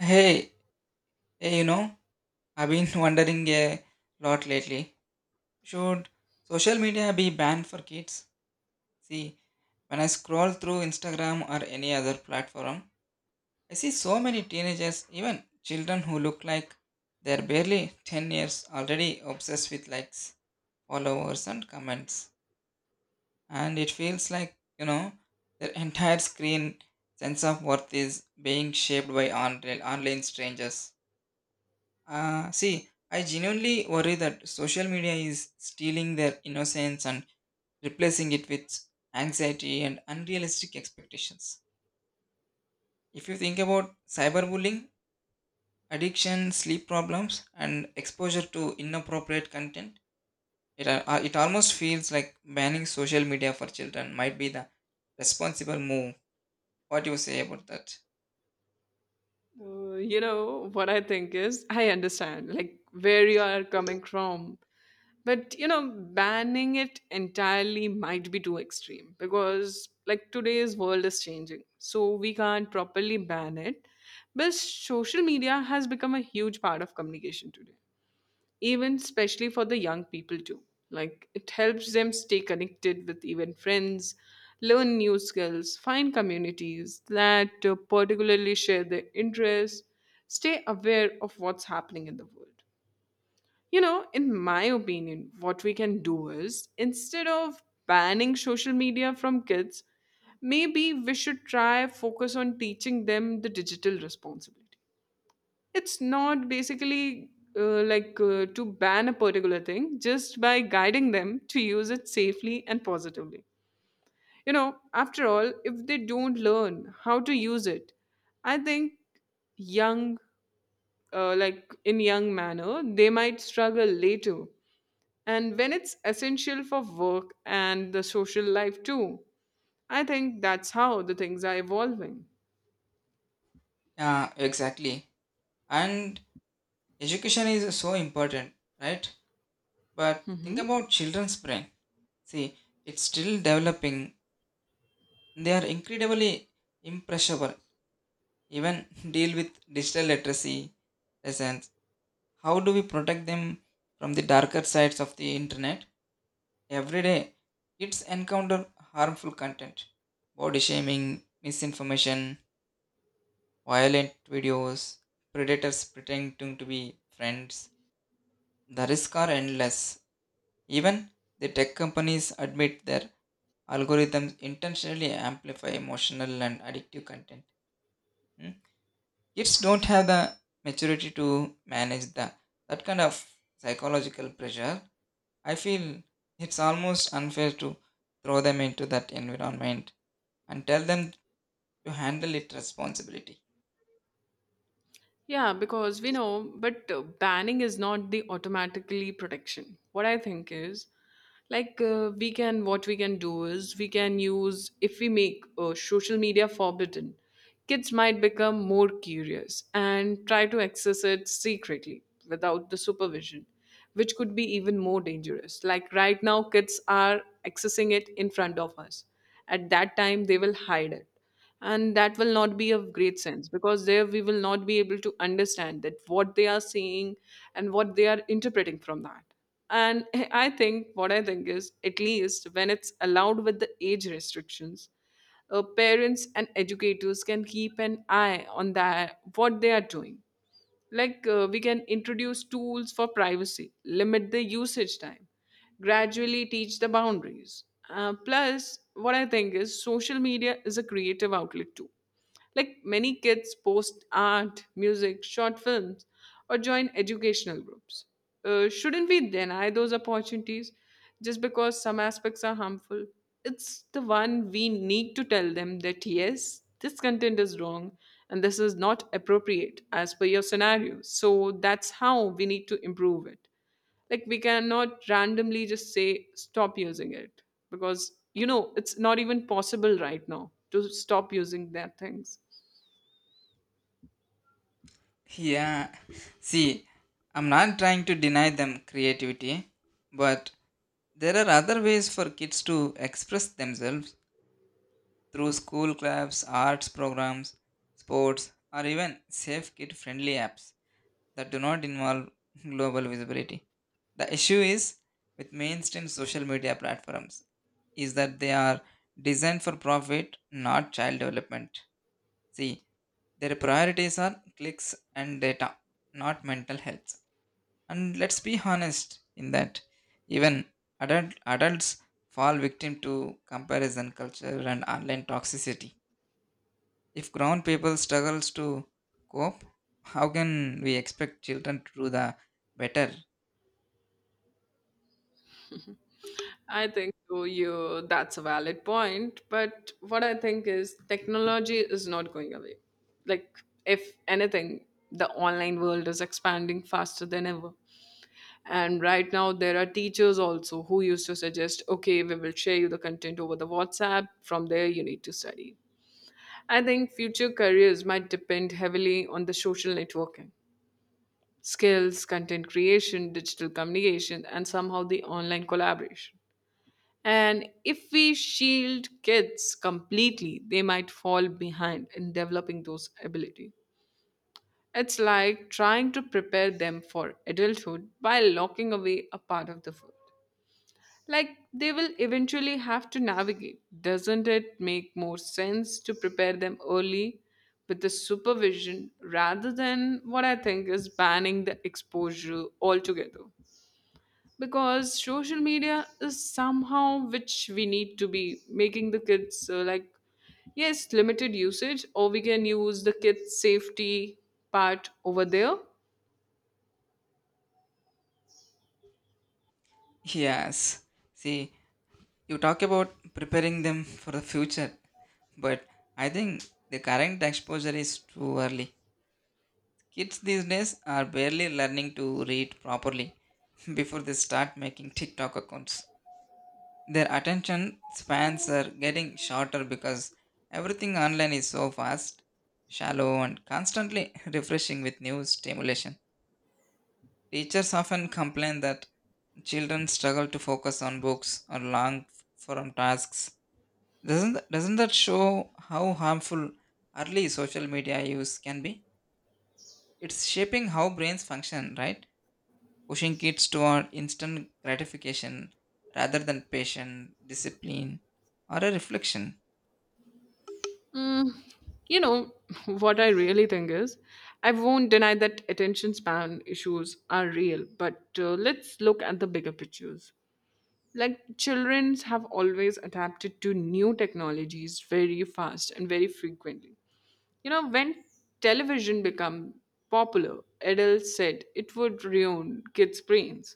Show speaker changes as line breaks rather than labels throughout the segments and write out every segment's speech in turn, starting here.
Hey, hey, I've been wondering a lot lately. Should social media be banned for kids? See, when I scroll through Instagram or any other platform, I see so many teenagers, even children who look like they're barely 10 years already obsessed with likes, followers, and comments. And it feels like, their entire screen sense of worth is being shaped by online strangers. See, I genuinely worry that social media is stealing their innocence and replacing it with anxiety and unrealistic expectations. If you think about cyberbullying, addiction, sleep problems, and exposure to inappropriate content, it almost feels like banning social media for children might be the responsible move. What do you say about that?
What I think is I understand like where you are coming from but banning it entirely might be too extreme because like today's world is changing, so we can't properly ban it. But social media has become a huge part of communication today, even especially for the young people too. Like, it helps them stay connected with even friends, learn new skills, find communities that particularly share their interests, stay aware of what's happening in the world. You know, in my opinion, what we can do is, instead of banning social media from kids, maybe we should try focus on teaching them the digital responsibility. It's not basically to ban a particular thing, just by guiding them to use it safely and positively. You know, after all, if they don't learn how to use it, I think young, like in young manner, they might struggle later. And when it's essential for work and the social life too, I think that's how the things are evolving.
Yeah, exactly. And education is so important, right? But think about children's brain. See, it's still developing. They are incredibly impressionable. Even deal with digital literacy lessons. How do we protect them from the darker sides of the internet? Every day, kids encounter harmful content, body shaming, misinformation, violent videos, predators pretending to be friends. The risks are endless. Even the tech companies admit their algorithms intentionally amplify emotional and addictive content. Mm. Kids don't have the maturity to manage the that kind of psychological pressure. I feel it's almost unfair to throw them into that environment and tell them to handle it responsibility.
Yeah, because we know, but banning is not the automatically protection. What I think is, like, what we can do is, if we make social media forbidden, kids might become more curious and try to access it secretly without the supervision, which could be even more dangerous. Like, right now, kids are accessing it in front of us. At that time, they will hide it, and that will not be of great sense, because there we will not be able to understand that what they are seeing and what they are interpreting from that. And I think is, at least when it's allowed with the age restrictions, parents and educators can keep an eye on that what they are doing. Like, we can introduce tools for privacy, limit the usage time, gradually teach the boundaries. Plus, what I think is social media is a creative outlet too. Like, many kids post art, music, short films, or join educational groups. Shouldn't we deny those opportunities just because some aspects are harmful? It's the one we need to tell them that yes, this content is wrong and this is not appropriate as per your scenario. So that's how we need to improve it. Like, we cannot randomly just say stop using it, because you know it's not even possible right now to stop using that things.
Yeah. See, I'm not trying to deny them creativity, but there are other ways for kids to express themselves through school clubs, arts programs, sports, or even safe kid friendly apps that do not involve global visibility. The issue is with mainstream social media platforms is that they are designed for profit, not child development. See, their priorities are clicks and data, not mental health. And let's be honest in that even adults fall victim to comparison culture and online toxicity. If grown people struggles to cope, how can we expect children to do the better?
I think so, you that's a valid point, but what I think is technology is not going away. Like, if anything, the online world is expanding faster than ever. And right now there are teachers also who used to suggest, okay, we will share you the content over the WhatsApp. From there you need to study. I think future careers might depend heavily on the social networking, skills, content creation, digital communication, and somehow the online collaboration. And if we shield kids completely, they might fall behind in developing those abilities. It's like trying to prepare them for adulthood by locking away a part of the world. Like, they will eventually have to navigate. Doesn't it make more sense to prepare them early with the supervision rather than what I think is banning the exposure altogether? Because social media is somehow which we need to be making the kids like, yes, limited usage, or we can use the kids safety part over there.
Yes. See, you talk about preparing them for the future, but I think the current exposure is too early. Kids these days are barely learning to read properly before they start making TikTok accounts. Their attention spans are getting shorter because everything online is so fast, shallow, and constantly refreshing with new stimulation. Teachers often complain that children struggle to focus on books or long form tasks. Doesn't that show how harmful early social media use can be? It's shaping how brains function, right? Pushing kids toward instant gratification rather than patient discipline, or a reflection.
Mm, you know, what I really think is, I won't deny that attention span issues are real, but let's look at the bigger pictures. Like, children have always adapted to new technologies very fast and very frequently. You know, when television became popular, adults said it would ruin kids' brains.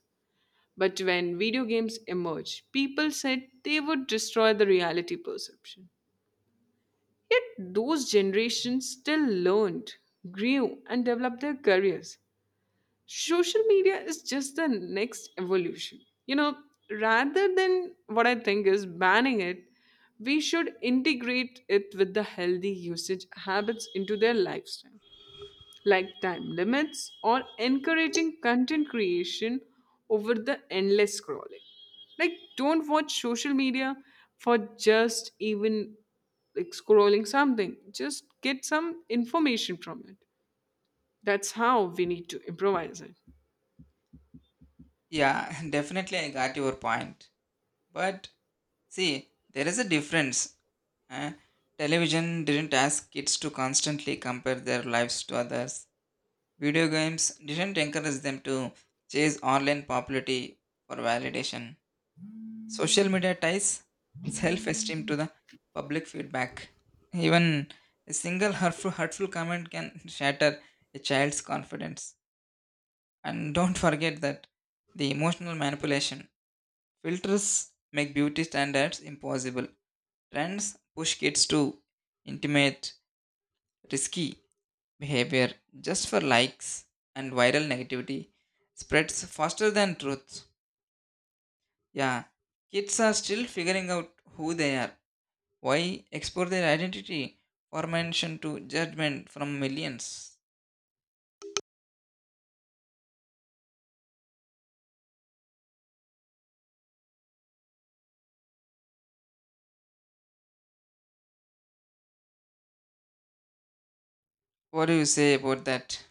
But when video games emerged, people said they would destroy the reality perception. Yet those generations still learned, grew, and developed their careers. Social media is just the next evolution. You know, rather than what I think is banning it, we should integrate it with the healthy usage habits into their lifestyle, like time limits or encouraging content creation over the endless scrolling. Like, don't watch social media for just even like scrolling something, just get some information from it. That's how we need to improvise it.
Yeah, definitely I got your point. But see, there is a difference. Eh? Television didn't ask kids to constantly compare their lives to others. Video games didn't encourage them to chase online popularity for validation. Social media ties self esteem to the public feedback. Even a single hurtful comment can shatter a child's confidence. And don't forget that the emotional manipulation. Filters make beauty standards impossible. Trends push kids to intimate, risky behavior just for likes, and viral negativity spreads faster than truth. Yeah, kids are still figuring out who they are. Why export their identity or mention to judgment from millions? What do you say about that?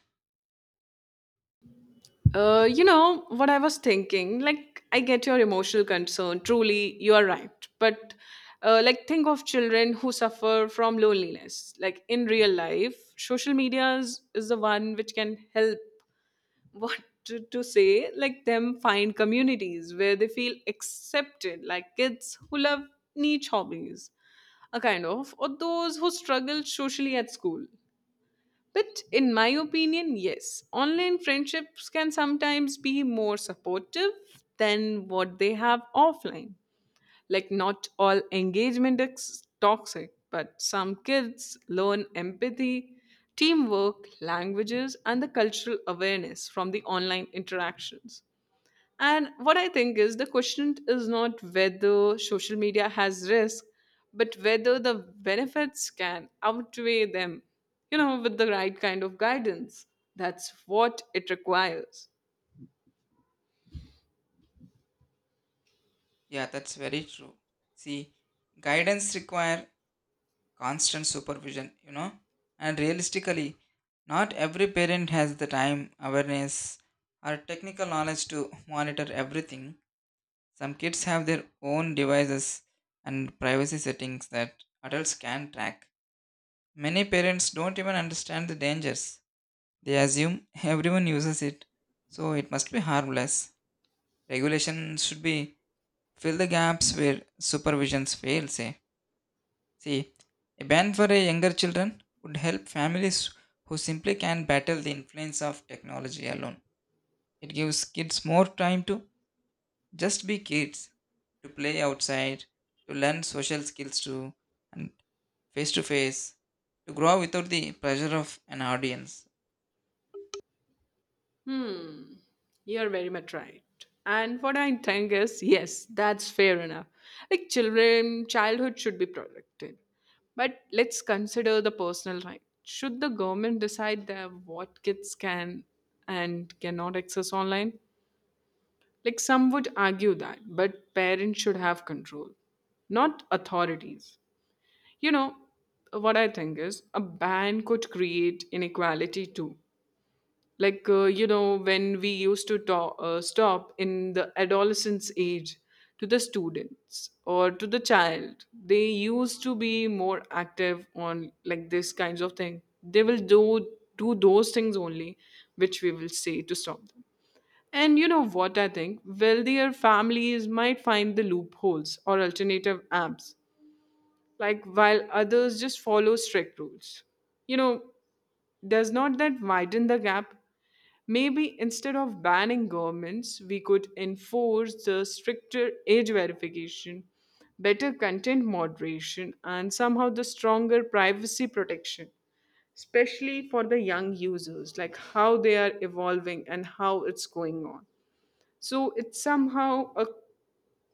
You know what I was thinking. Like, I get your emotional concern. Truly, you are right. But, like, think of children who suffer from loneliness. Like in real life, social media is the one which can help. What to say? Like them find communities where they feel accepted. Like kids who love niche hobbies, a kind of, or those who struggle socially at school. But in my opinion, yes, online friendships can sometimes be more supportive than what they have offline. Like, not all engagement is toxic, but some kids learn empathy, teamwork, languages, and the cultural awareness from the online interactions. And what I think is the question is not whether social media has risk, but whether the benefits can outweigh them, you know, with the right kind of guidance. That's what it requires.
Yeah, that's very true. See, guidance require constant supervision, you know. And realistically, not every parent has the time, awareness, or technical knowledge to monitor everything. Some kids have their own devices and privacy settings that adults can track. Many parents don't even understand the dangers. They assume everyone uses it, so it must be harmless. Regulation should be fill the gaps where supervisions fails. Eh? See, a ban for a younger children would help families who simply can't battle the influence of technology alone. It gives kids more time to just be kids, to play outside, to learn social skills too, and face to face, to grow without the pressure of an audience.
Hmm, you're very much right. And what I think is, yes, that's fair enough. Like children, childhood should be protected. But let's consider the personal right. Should the government decide that what kids can and cannot access online? Like, some would argue that, but parents should have control, not authorities. You know, what I think is a ban could create inequality too. Like, when we used to talk, stop in the adolescence age to the students or to the child, they used to be more active on like this kinds of thing. They will do those things only which we will say to stop them. And you know what I think? Wealthier families might find the loopholes or alternative apps, like while others just follow strict rules. You know, does not that widen the gap? Maybe instead of banning governments, we could enforce the stricter age verification, better content moderation, and somehow the stronger privacy protection, especially for the young users, like how they are evolving and how it's going on. So it's somehow a,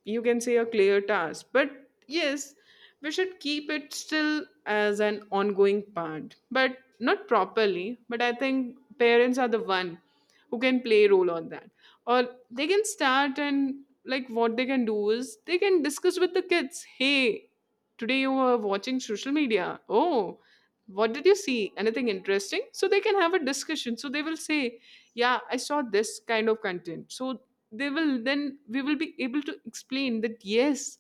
you can say, a clear task, but yes, we should keep it still as an ongoing part, but not properly. But I think parents are the one who can play a role on that, or they can start. And like, what they can do is, they can discuss with the kids. Hey, today you were watching social media. Oh, what did you see? Anything interesting? So they can have a discussion. So they will say, yeah, I saw this kind of content. So they will then we will be able to explain that yes,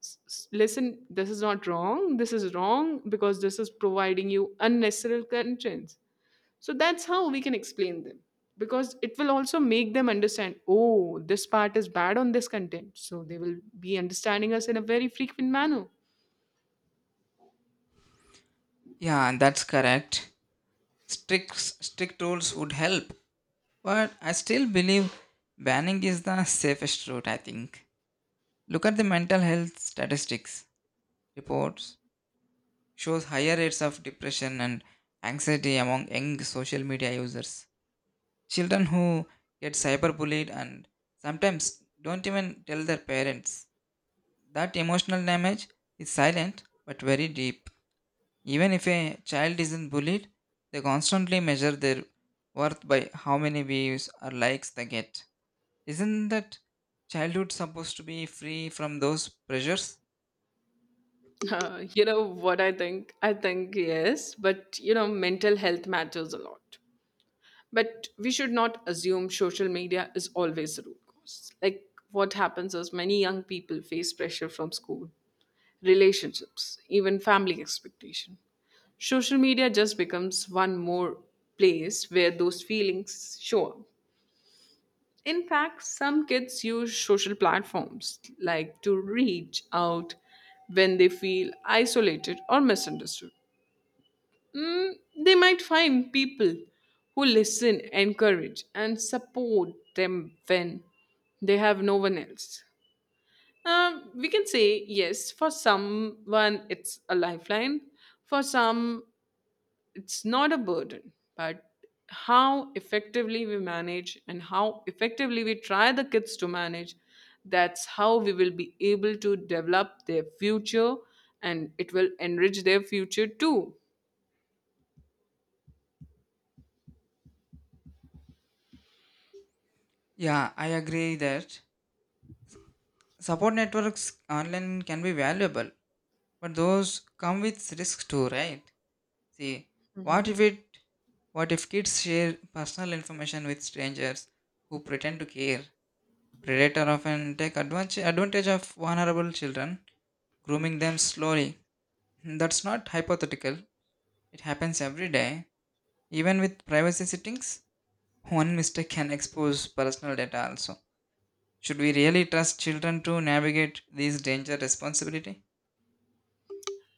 listen, this is not wrong. This is wrong because this is providing you unnecessary contents. So that's how we can explain them, because it will also make them understand oh this part is bad on this content, so they will be understanding us in a very frequent manner.
Yeah, and that's correct. Strict strict rules would help, but I still believe banning is the safest route, I think. Look at the mental health statistics reports shows higher rates of depression and anxiety among young social media users. Children who get cyberbullied and sometimes don't even tell their parents. That emotional damage is silent but very deep. Even if a child isn't bullied, they constantly measure their worth by how many views or likes they get. Isn't that childhood supposed to be free from those pressures?
You know what I think? I think yes, but you know, mental health matters a lot. But we should not assume social media is always the root cause. Like, what happens is many young people face pressure from school, relationships, even family expectation. Social media just becomes one more place where those feelings show up. In fact, some kids use social platforms like to reach out when they feel isolated or misunderstood. Mm, they might find people who listen, encourage, and support them when they have no one else. We can say yes, for someone it's a lifeline, for some it's not a burden, but how effectively we manage and how effectively we try the kids to manage, that's how we will be able to develop their future, and it will enrich their future too.
Yeah, I agree that support networks online can be valuable. But those come with risks too, right? See, what if it what if kids share personal information with strangers who pretend to care? Predator often take advantage of vulnerable children, grooming them slowly. That's not hypothetical. It happens every day. Even with privacy settings, one mistake can expose personal data also. Should we really trust children to navigate these danger responsibility?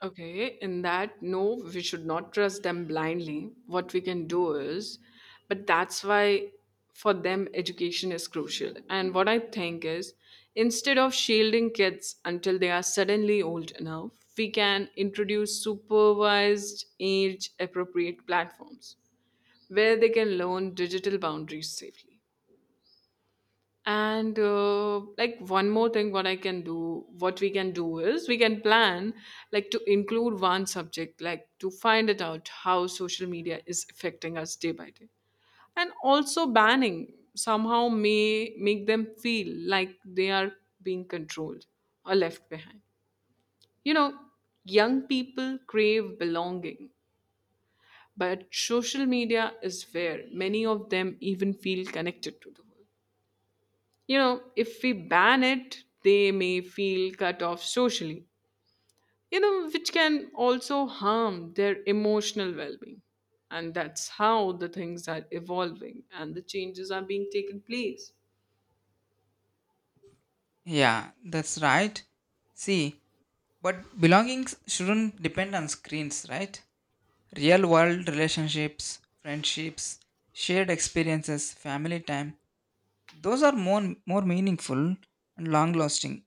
Okay, in that, no, we should not trust them blindly. What we can do is, but that's why for them education is crucial. And what I think is, instead of shielding kids until they are suddenly old enough, we can introduce supervised age appropriate platforms where they can learn digital boundaries safely. And like, one more thing, what we can do is, we can plan like to include one subject, like to find it out how social media is affecting us day by day. And also banning somehow may make them feel like they are being controlled or left behind. You know, young people crave belonging, but social media is where many of them even feel connected to the world. You know, if we ban it, they may feel cut off socially, you know, which can also harm their emotional well being. And that's how the things are evolving and the changes are being taken place.
Yeah, that's right. See, but belongings shouldn't depend on screens, right? Real world relationships, friendships, shared experiences, family time, those are more meaningful and long lasting.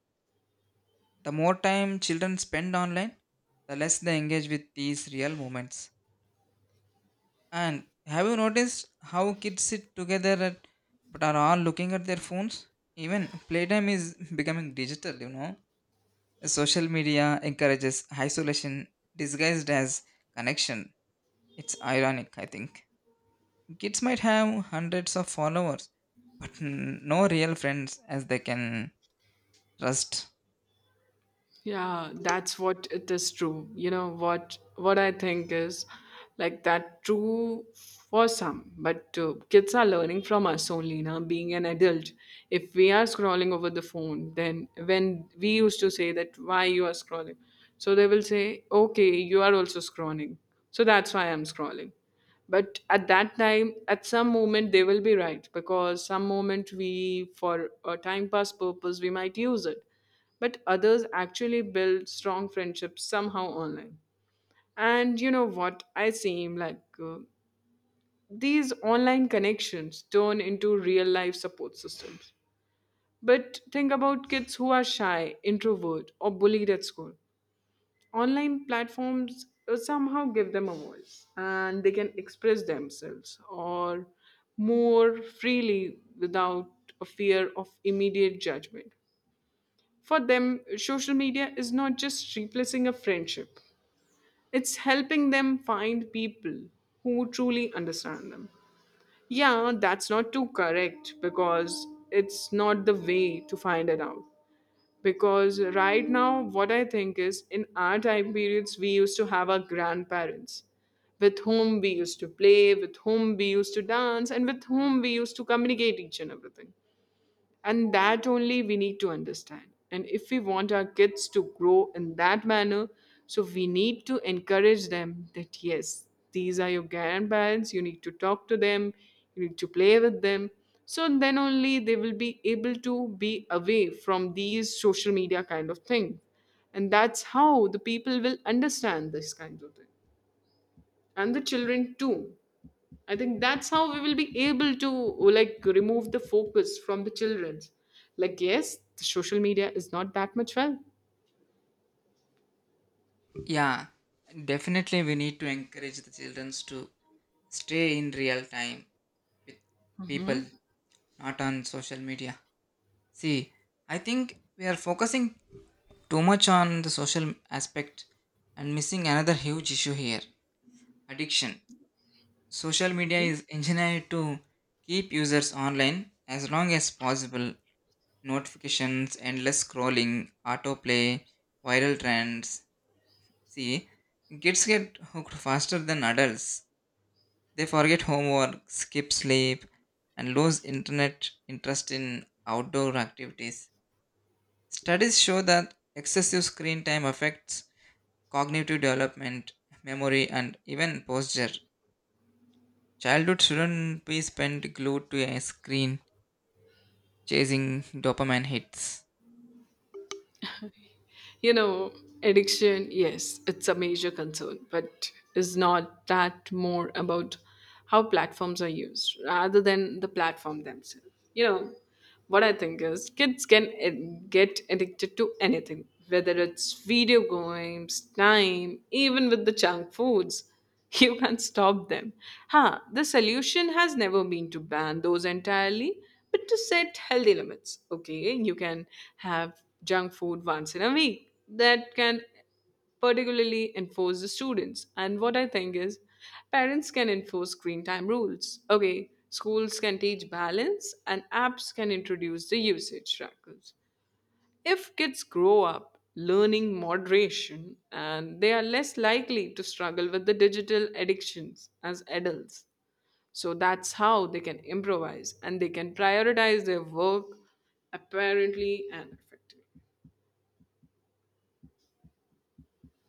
The more time children spend online, the less they engage with these real moments. And have you noticed how kids sit together at, but are all looking at their phones? Even playtime is becoming digital, you know. Social media encourages isolation disguised as connection. It's ironic, I think. Kids might have hundreds of followers, but no real friends as they can trust.
Yeah, that's what it is true. You know what I think is like that true for some, but kids are learning from us only now. Being an adult, if we are scrolling over the phone, then when we used to say that why you are scrolling, so they will say, okay, you are also scrolling, so that's why I'm scrolling. But at that time, at some moment, they will be right because some moment we, for a time pass purpose, we might use it but others actually build strong friendships somehow online and you know what I seem like these online connections turn into real life support systems but think about kids who are shy introvert or bullied at school online platforms somehow give them a voice and they can express themselves or more freely without a fear of immediate judgment. For them, social media is not just replacing a friendship, it's helping them find people who truly understand them. Yeah, that's not too correct because it's not the way to find it out. Because right now, what I think is in our time periods, we used to have our grandparents with whom we used to play, with whom we used to dance, and with whom we used to communicate each and everything. And that only we need to understand. And if we want our kids to grow in that manner, so we need to encourage them that yes, these are your grandparents, you need to talk to them, you need to play with them. So then only they will be able to be away from these social media kind of thing. And that's how the people will understand this kind of thing. And the children too. I think that's how we will be able to like remove the focus from the children's. Like, yes, the social media is not that much well.
Yeah, definitely we need to encourage the children to stay in real time with people,
Mhm.
not on social media. See, I think we are focusing too much on the social aspect and missing another huge issue here addiction. Social
Okay.
media is engineered to keep users online as long as possible notifications, endless scrolling, autoplay, viral trends. See, kids get hooked faster than adults. They forget homework, skip sleep, and lose internet interest in outdoor activities. Studies show that excessive screen time affects cognitive development, memory, and even posture. Childhood shouldn't be spent glued to a screen chasing dopamine hits.
You know, addiction, yes, it's a major concern, but is not that more about how platforms are used rather than the platform themselves. You know, what I think is kids can get addicted to anything, whether it's video games, time, even with the junk foods. You can't stop them. Huh, the solution has never been to ban those entirely, but to set healthy limits. Okay, you can have junk food once in a week. That can particularly enforce the students. And what I think is, parents can enforce screen time rules. Okay, schools can teach balance, and apps can introduce the usage trackers. If kids grow up learning moderation, and they are less likely to struggle with the digital addictions as adults. So that's how they can improvise and they can prioritize their work apparently and effectively.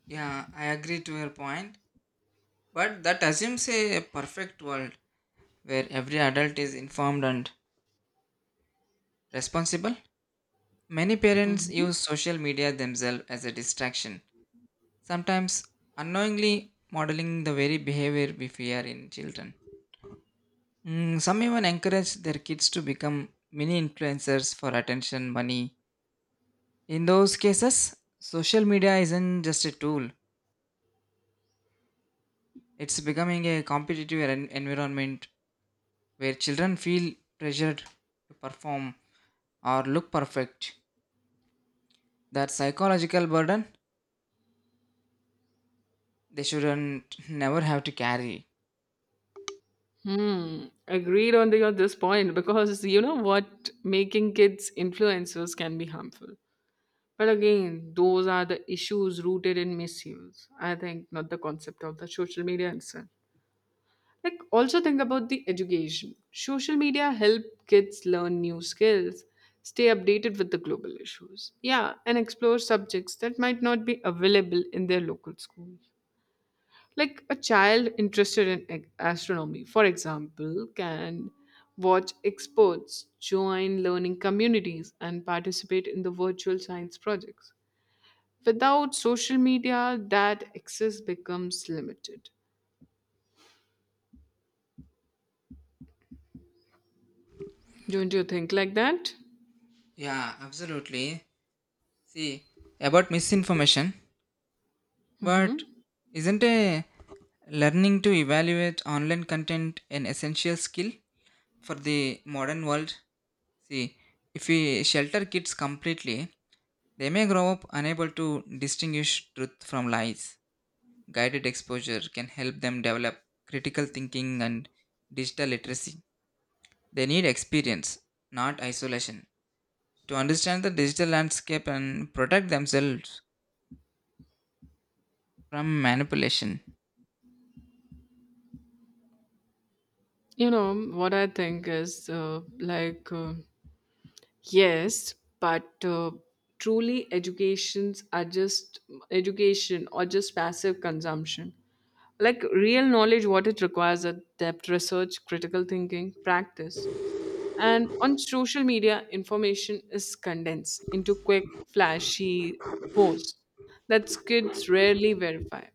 Yeah, I agree to your point. But that assumes a perfect world where every adult is informed and responsible. Many parents
Mhm.
use social media themselves as a distraction, sometimes unknowingly modeling the very behavior we fear in children. Mm, some even encourage their kids to become mini influencers for attention, money. In those cases, social media isn't just a tool, it's becoming a competitive environment where children feel pressured to perform or look perfect. That psychological burden they shouldn't never have to carry.
Hmm. Agreed on the, on this point because you know what, making kids influencers can be harmful. But again, those are the issues rooted in misuse. I think not the concept of the social media itself. Like also think about the education. Social media help kids learn new skills, stay updated with the global issues. Yeah, and explore subjects that might not be available in their local schools. Like a child interested in astronomy, for example, can watch experts, join learning communities, and participate in the virtual science projects. Without social media, that access becomes limited. Don't you think like that?
Yeah, absolutely. See, about misinformation, but
Mhm.
isn't a learning to evaluate online content an essential skill for the modern world? See, if we shelter kids completely, they may grow up unable to distinguish truth from lies. Guided exposure can help them develop critical thinking and digital literacy. They need experience, not isolation, to understand the digital landscape and protect themselves from manipulation.
You know, what I think is yes, but truly educations are just education or just passive consumption. Like real knowledge, what it requires are depth research, critical thinking, practice. And on social media, information is condensed into quick, flashy posts that kids rarely verify.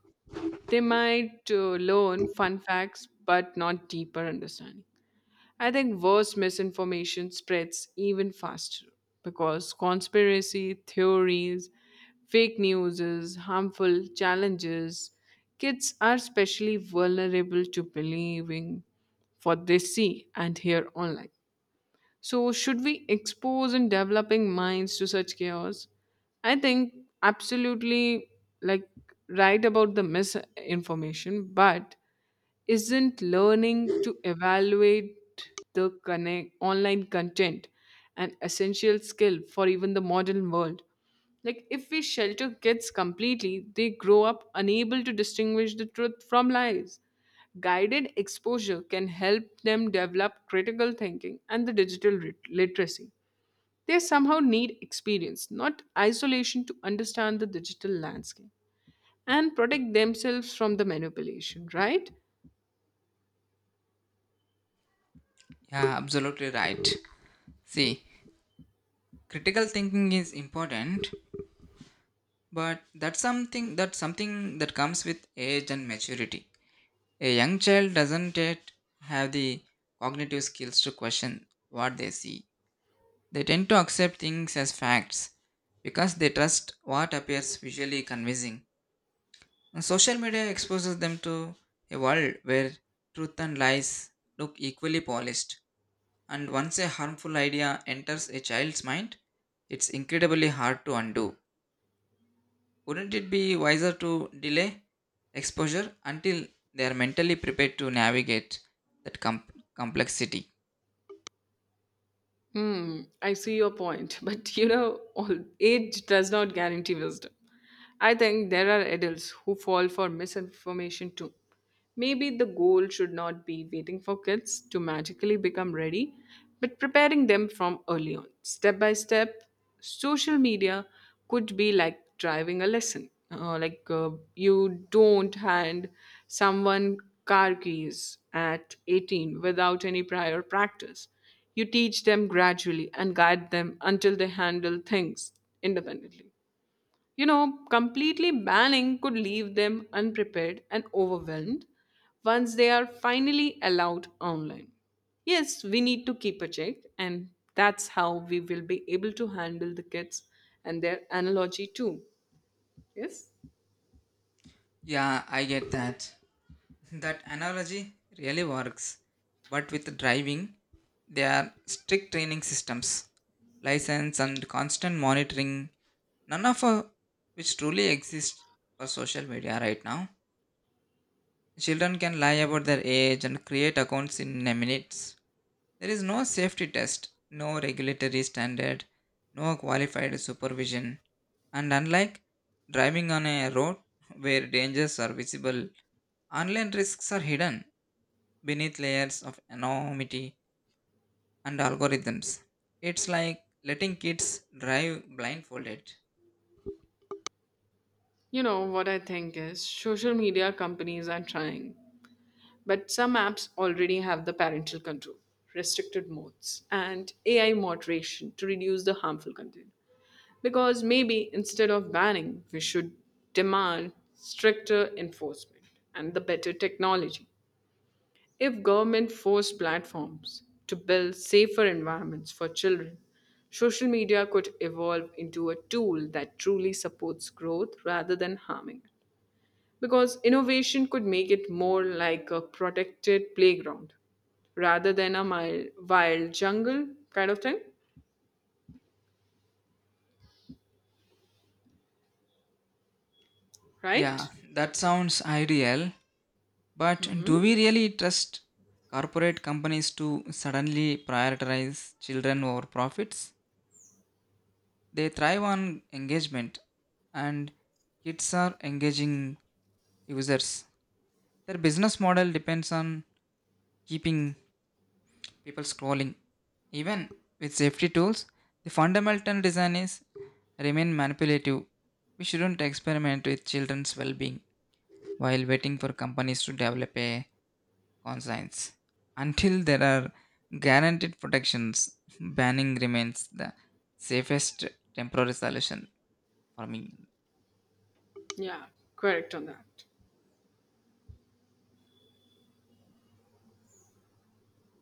They might learn fun facts, but not deeper understanding. I think worse misinformation spreads even faster because conspiracy theories, fake news, harmful challenges, kids are especially vulnerable to believing what they see and hear online. So, should we expose and developing minds to such chaos? I think absolutely, like right about the misinformation, but isn't learning to evaluate the connect, online content an essential skill for even the modern world, like if we shelter kids completely they grow up unable to distinguish the truth from lies. Guided exposure can help them develop critical thinking and the digital literacy. They somehow need experience not isolation to understand the digital landscape and protect themselves from the manipulation, right?
Yeah, absolutely right. See, critical thinking is important, but that's something that comes with age and maturity. A young child doesn't yet have the cognitive skills to question what they see. They tend to accept things as facts because they trust what appears visually convincing. And social media exposes them to a world where truth and lies look equally polished. And once a harmful idea enters a child's mind, it's incredibly hard to undo. Wouldn't it be wiser to delay exposure until they are mentally prepared to navigate that com- complexity?
Hmm, I see your point, but you know, all age does not guarantee wisdom. I think there are adults who fall for misinformation too. Maybe the goal should not be waiting for kids to magically become ready, but preparing them from early on. Step by step, social media could be like driving a lesson. You don't hand someone car keys at 18 without any prior practice. You teach them gradually and guide them until they handle things independently. You know, completely banning could leave them unprepared and overwhelmed once they are finally allowed online. Yes, we need to keep a check, and that's how we will be able to handle the kids and their analogy too. Yes?
Yeah, I get that. That analogy really works. But with driving, there are strict training systems, license, and constant monitoring. None of which truly exists for social media right now. Children can lie about their age and create accounts in minutes. There is no safety test, no regulatory standard, no qualified supervision. And unlike driving on a road where dangers are visible, online risks are hidden beneath layers of anonymity and algorithms. It's like letting kids drive blindfolded.
You know, what I think is social media companies are trying. But some apps already have the parental control, restricted modes, and AI moderation to reduce the harmful content. Because maybe instead of banning, we should demand stricter enforcement and the better technology. If government force platforms to build safer environments for children, social media could evolve into a tool that truly supports growth rather than harming it because innovation could make it more like a protected playground rather than a mild, wild jungle kind of thing,
Yeah,
right?
that sounds ideal. But do
Hmm.
we really trust corporate companies to suddenly prioritize children over profits? They thrive on engagement, and kids are engaging users. Their business model depends on keeping people scrolling. Even with safety tools, the fundamental design is remain manipulative. We shouldn't experiment with children's well-being while waiting for companies to develop a conscience. Until there are guaranteed protections, banning remains the safest temporary solution for me.
Yeah, correct on that.